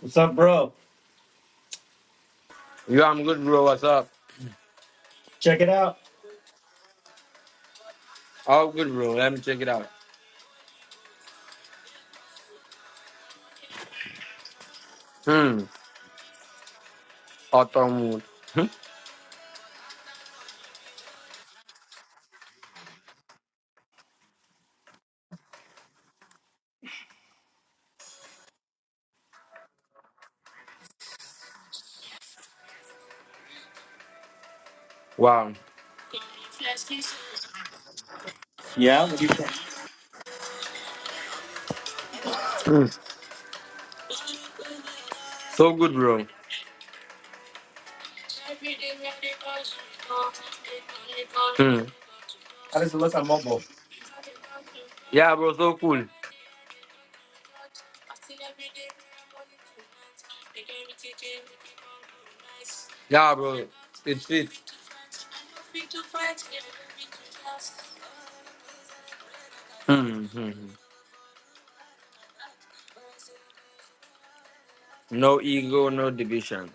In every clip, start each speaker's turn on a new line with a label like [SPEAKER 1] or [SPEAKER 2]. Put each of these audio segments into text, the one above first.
[SPEAKER 1] What's up, bro?
[SPEAKER 2] Yo, I'm good, bro. What's up?
[SPEAKER 1] Check it out.
[SPEAKER 2] All good, bro. Let me check it out. Hmm. Autumn mood. Hmm. Wow.
[SPEAKER 1] Yeah, what do you think?
[SPEAKER 2] So good, bro.
[SPEAKER 1] How does it look on mobile?
[SPEAKER 2] Yeah, bro. So cool. Yeah, bro. It's it. Hmm. hmm, hmm. No ego, no division.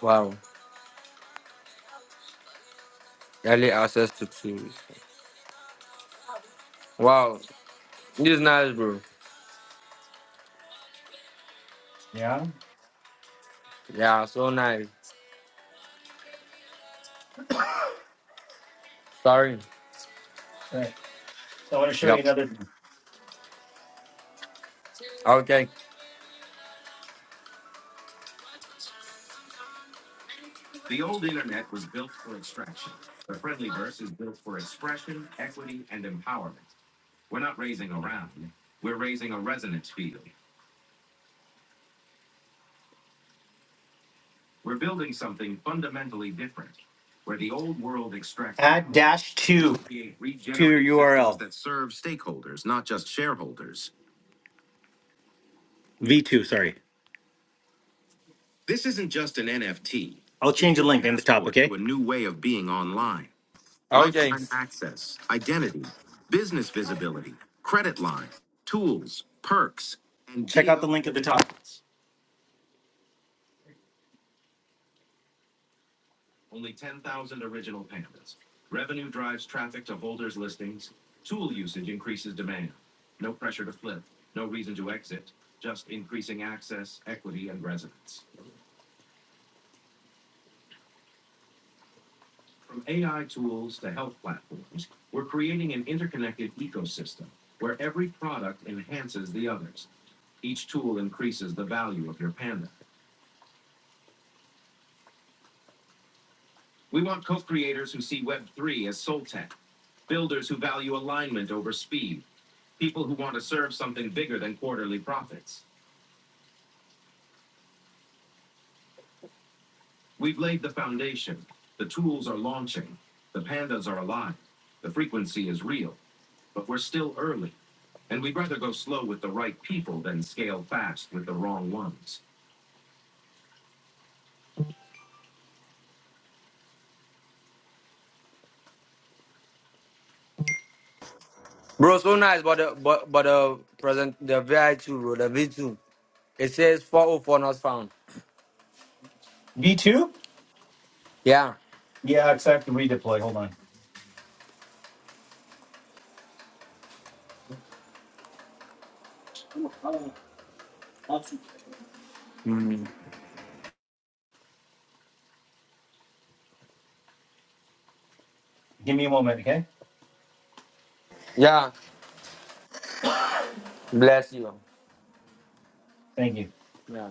[SPEAKER 2] Wow. Early access to tools. Wow. This is nice, bro.
[SPEAKER 1] Yeah. All
[SPEAKER 2] Yeah, so nice. Sorry.
[SPEAKER 1] right. So I want to show you
[SPEAKER 2] Yep.
[SPEAKER 1] another. thing.
[SPEAKER 2] Okay.
[SPEAKER 1] The The the old old internet was built built for for extraction. The friendlyverse is built for expression, equity, and empowerment. We're We're We're not raising raising a a round. We're raising a resonance field. We're building something fundamentally different, where the old world extracts. add dash two to your URL. V two, sorry. This isn't just an NFT. I'll change the link in the top, okay? to a new way of being online.
[SPEAKER 2] Okay.
[SPEAKER 1] Lifetime access, identity, business visibility, credit line, tools, perks, and Check out the link at the top. Only 10,000 original pandas. Revenue drives traffic to holders' listings. Tool usage increases demand. No pressure to flip, no reason to exit, just increasing access, equity, and resonance. From AI tools to health platforms, we're creating an interconnected ecosystem where every product enhances the others. Each tool increases the value of your panda. We want co creators who see Web3 as soul tech, builders who value alignment over speed, people who want to serve something bigger than quarterly profits. We've laid the foundation. The tools are launching. The pandas are alive. The frequency is real. but we're still early. And we'd rather go slow with the right people than scale fast with the wrong ones.
[SPEAKER 2] Bro, so nice, but the, but but the present the VI two, bro, the V two. It says 404 not found.
[SPEAKER 1] V2?
[SPEAKER 2] Yeah.
[SPEAKER 1] Yeah, because I have to redeploy. Hold on.
[SPEAKER 2] Hmm.
[SPEAKER 1] Give me a moment, okay?
[SPEAKER 2] Yeah. Bless you.
[SPEAKER 1] Thank you.
[SPEAKER 2] Yeah.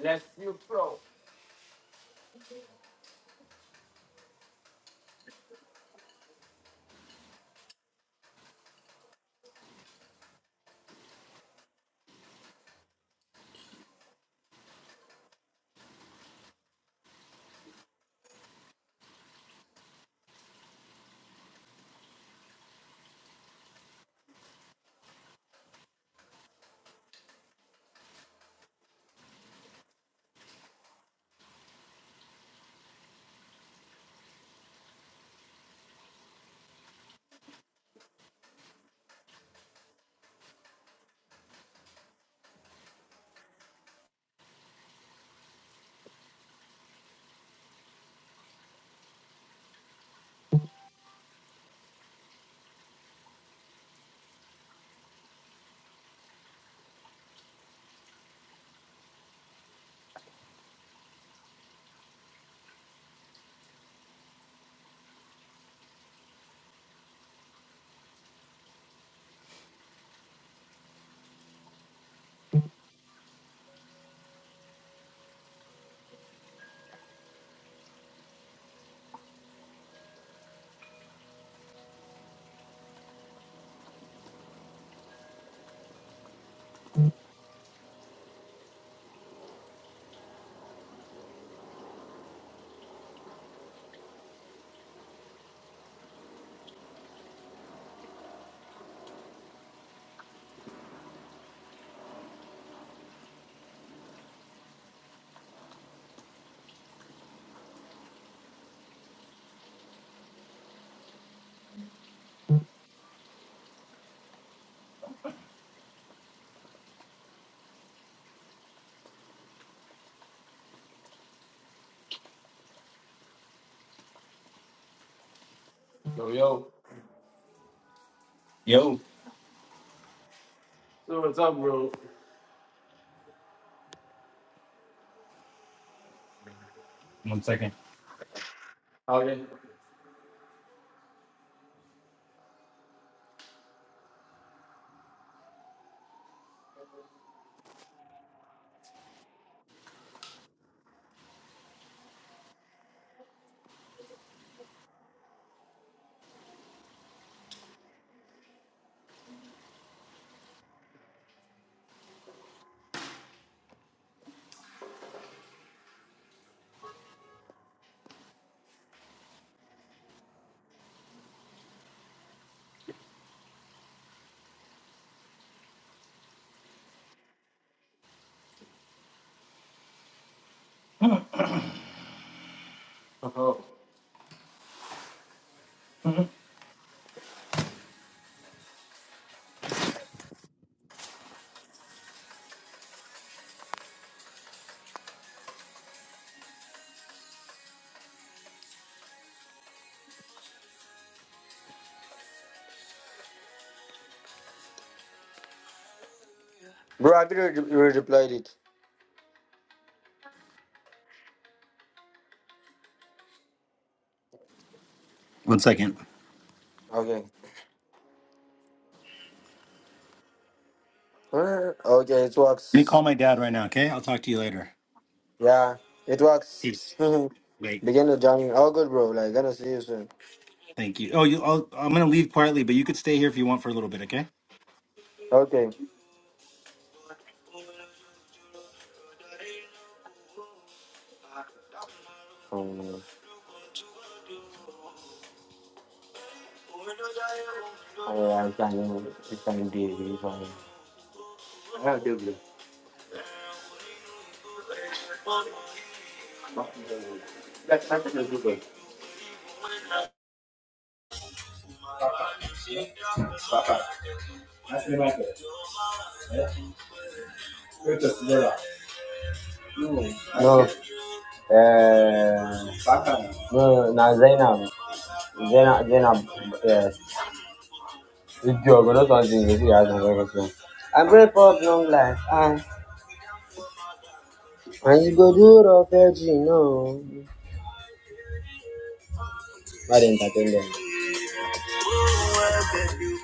[SPEAKER 2] Bless you, bro.
[SPEAKER 1] Yo.
[SPEAKER 2] So what's up, bro?
[SPEAKER 1] One second.
[SPEAKER 2] Okay. Oh,
[SPEAKER 1] Mhm.
[SPEAKER 2] Bro, I think you re- replied it.
[SPEAKER 1] One second.
[SPEAKER 2] Okay. Uh, Okay, it
[SPEAKER 1] Let me call
[SPEAKER 2] works.
[SPEAKER 1] my dad right now, okay? I'll talk to you later.
[SPEAKER 2] Yeah, it works.
[SPEAKER 1] Peace. wait.
[SPEAKER 2] Begin the journey. All good, bro. Like, gonna see you soon.
[SPEAKER 1] Thank you. Oh, you. I'll, I'm gonna leave quietly, but you could stay here if you want for a little bit, okay?
[SPEAKER 2] Okay. Um, I can, I can be really fine. No, uh, no, now Zainab, Zainab, Zainab, yes. It's your good. not something you see I'm not to I'm grateful for long life. And you go do the veggie, no. I didn't entertain them.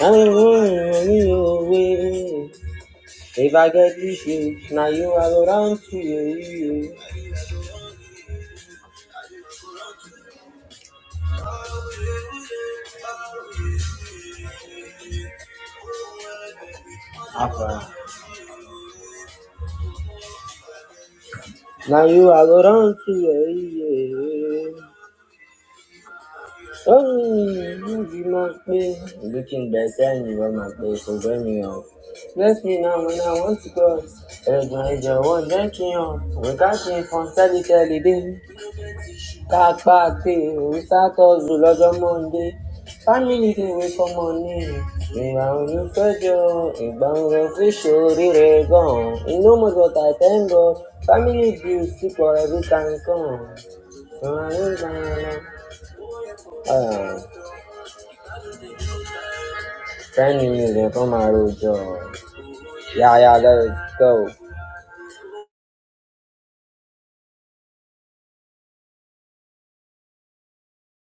[SPEAKER 2] I'm running you away. If I get with you, now you I go down to you. you. Afra. Now you I go down to you. you. Oh, you be my babe. Looking better and you are my babe, so bring me up. Bless me now when I want to cross. Every day, I want drinking on. We got you from Sally Telly, baby. Kàkà pé we start hustle lọ́jọ́ Monday. Family dey wait for money. Ìgbà wo ló fẹ́jọ́? Ìgbà wo ló fi ṣorí rẹ̀ gan-an? You know most what I thank God. Family bills still every time come. Ten million kan maa Yeah, yeah, Yáyá let's go.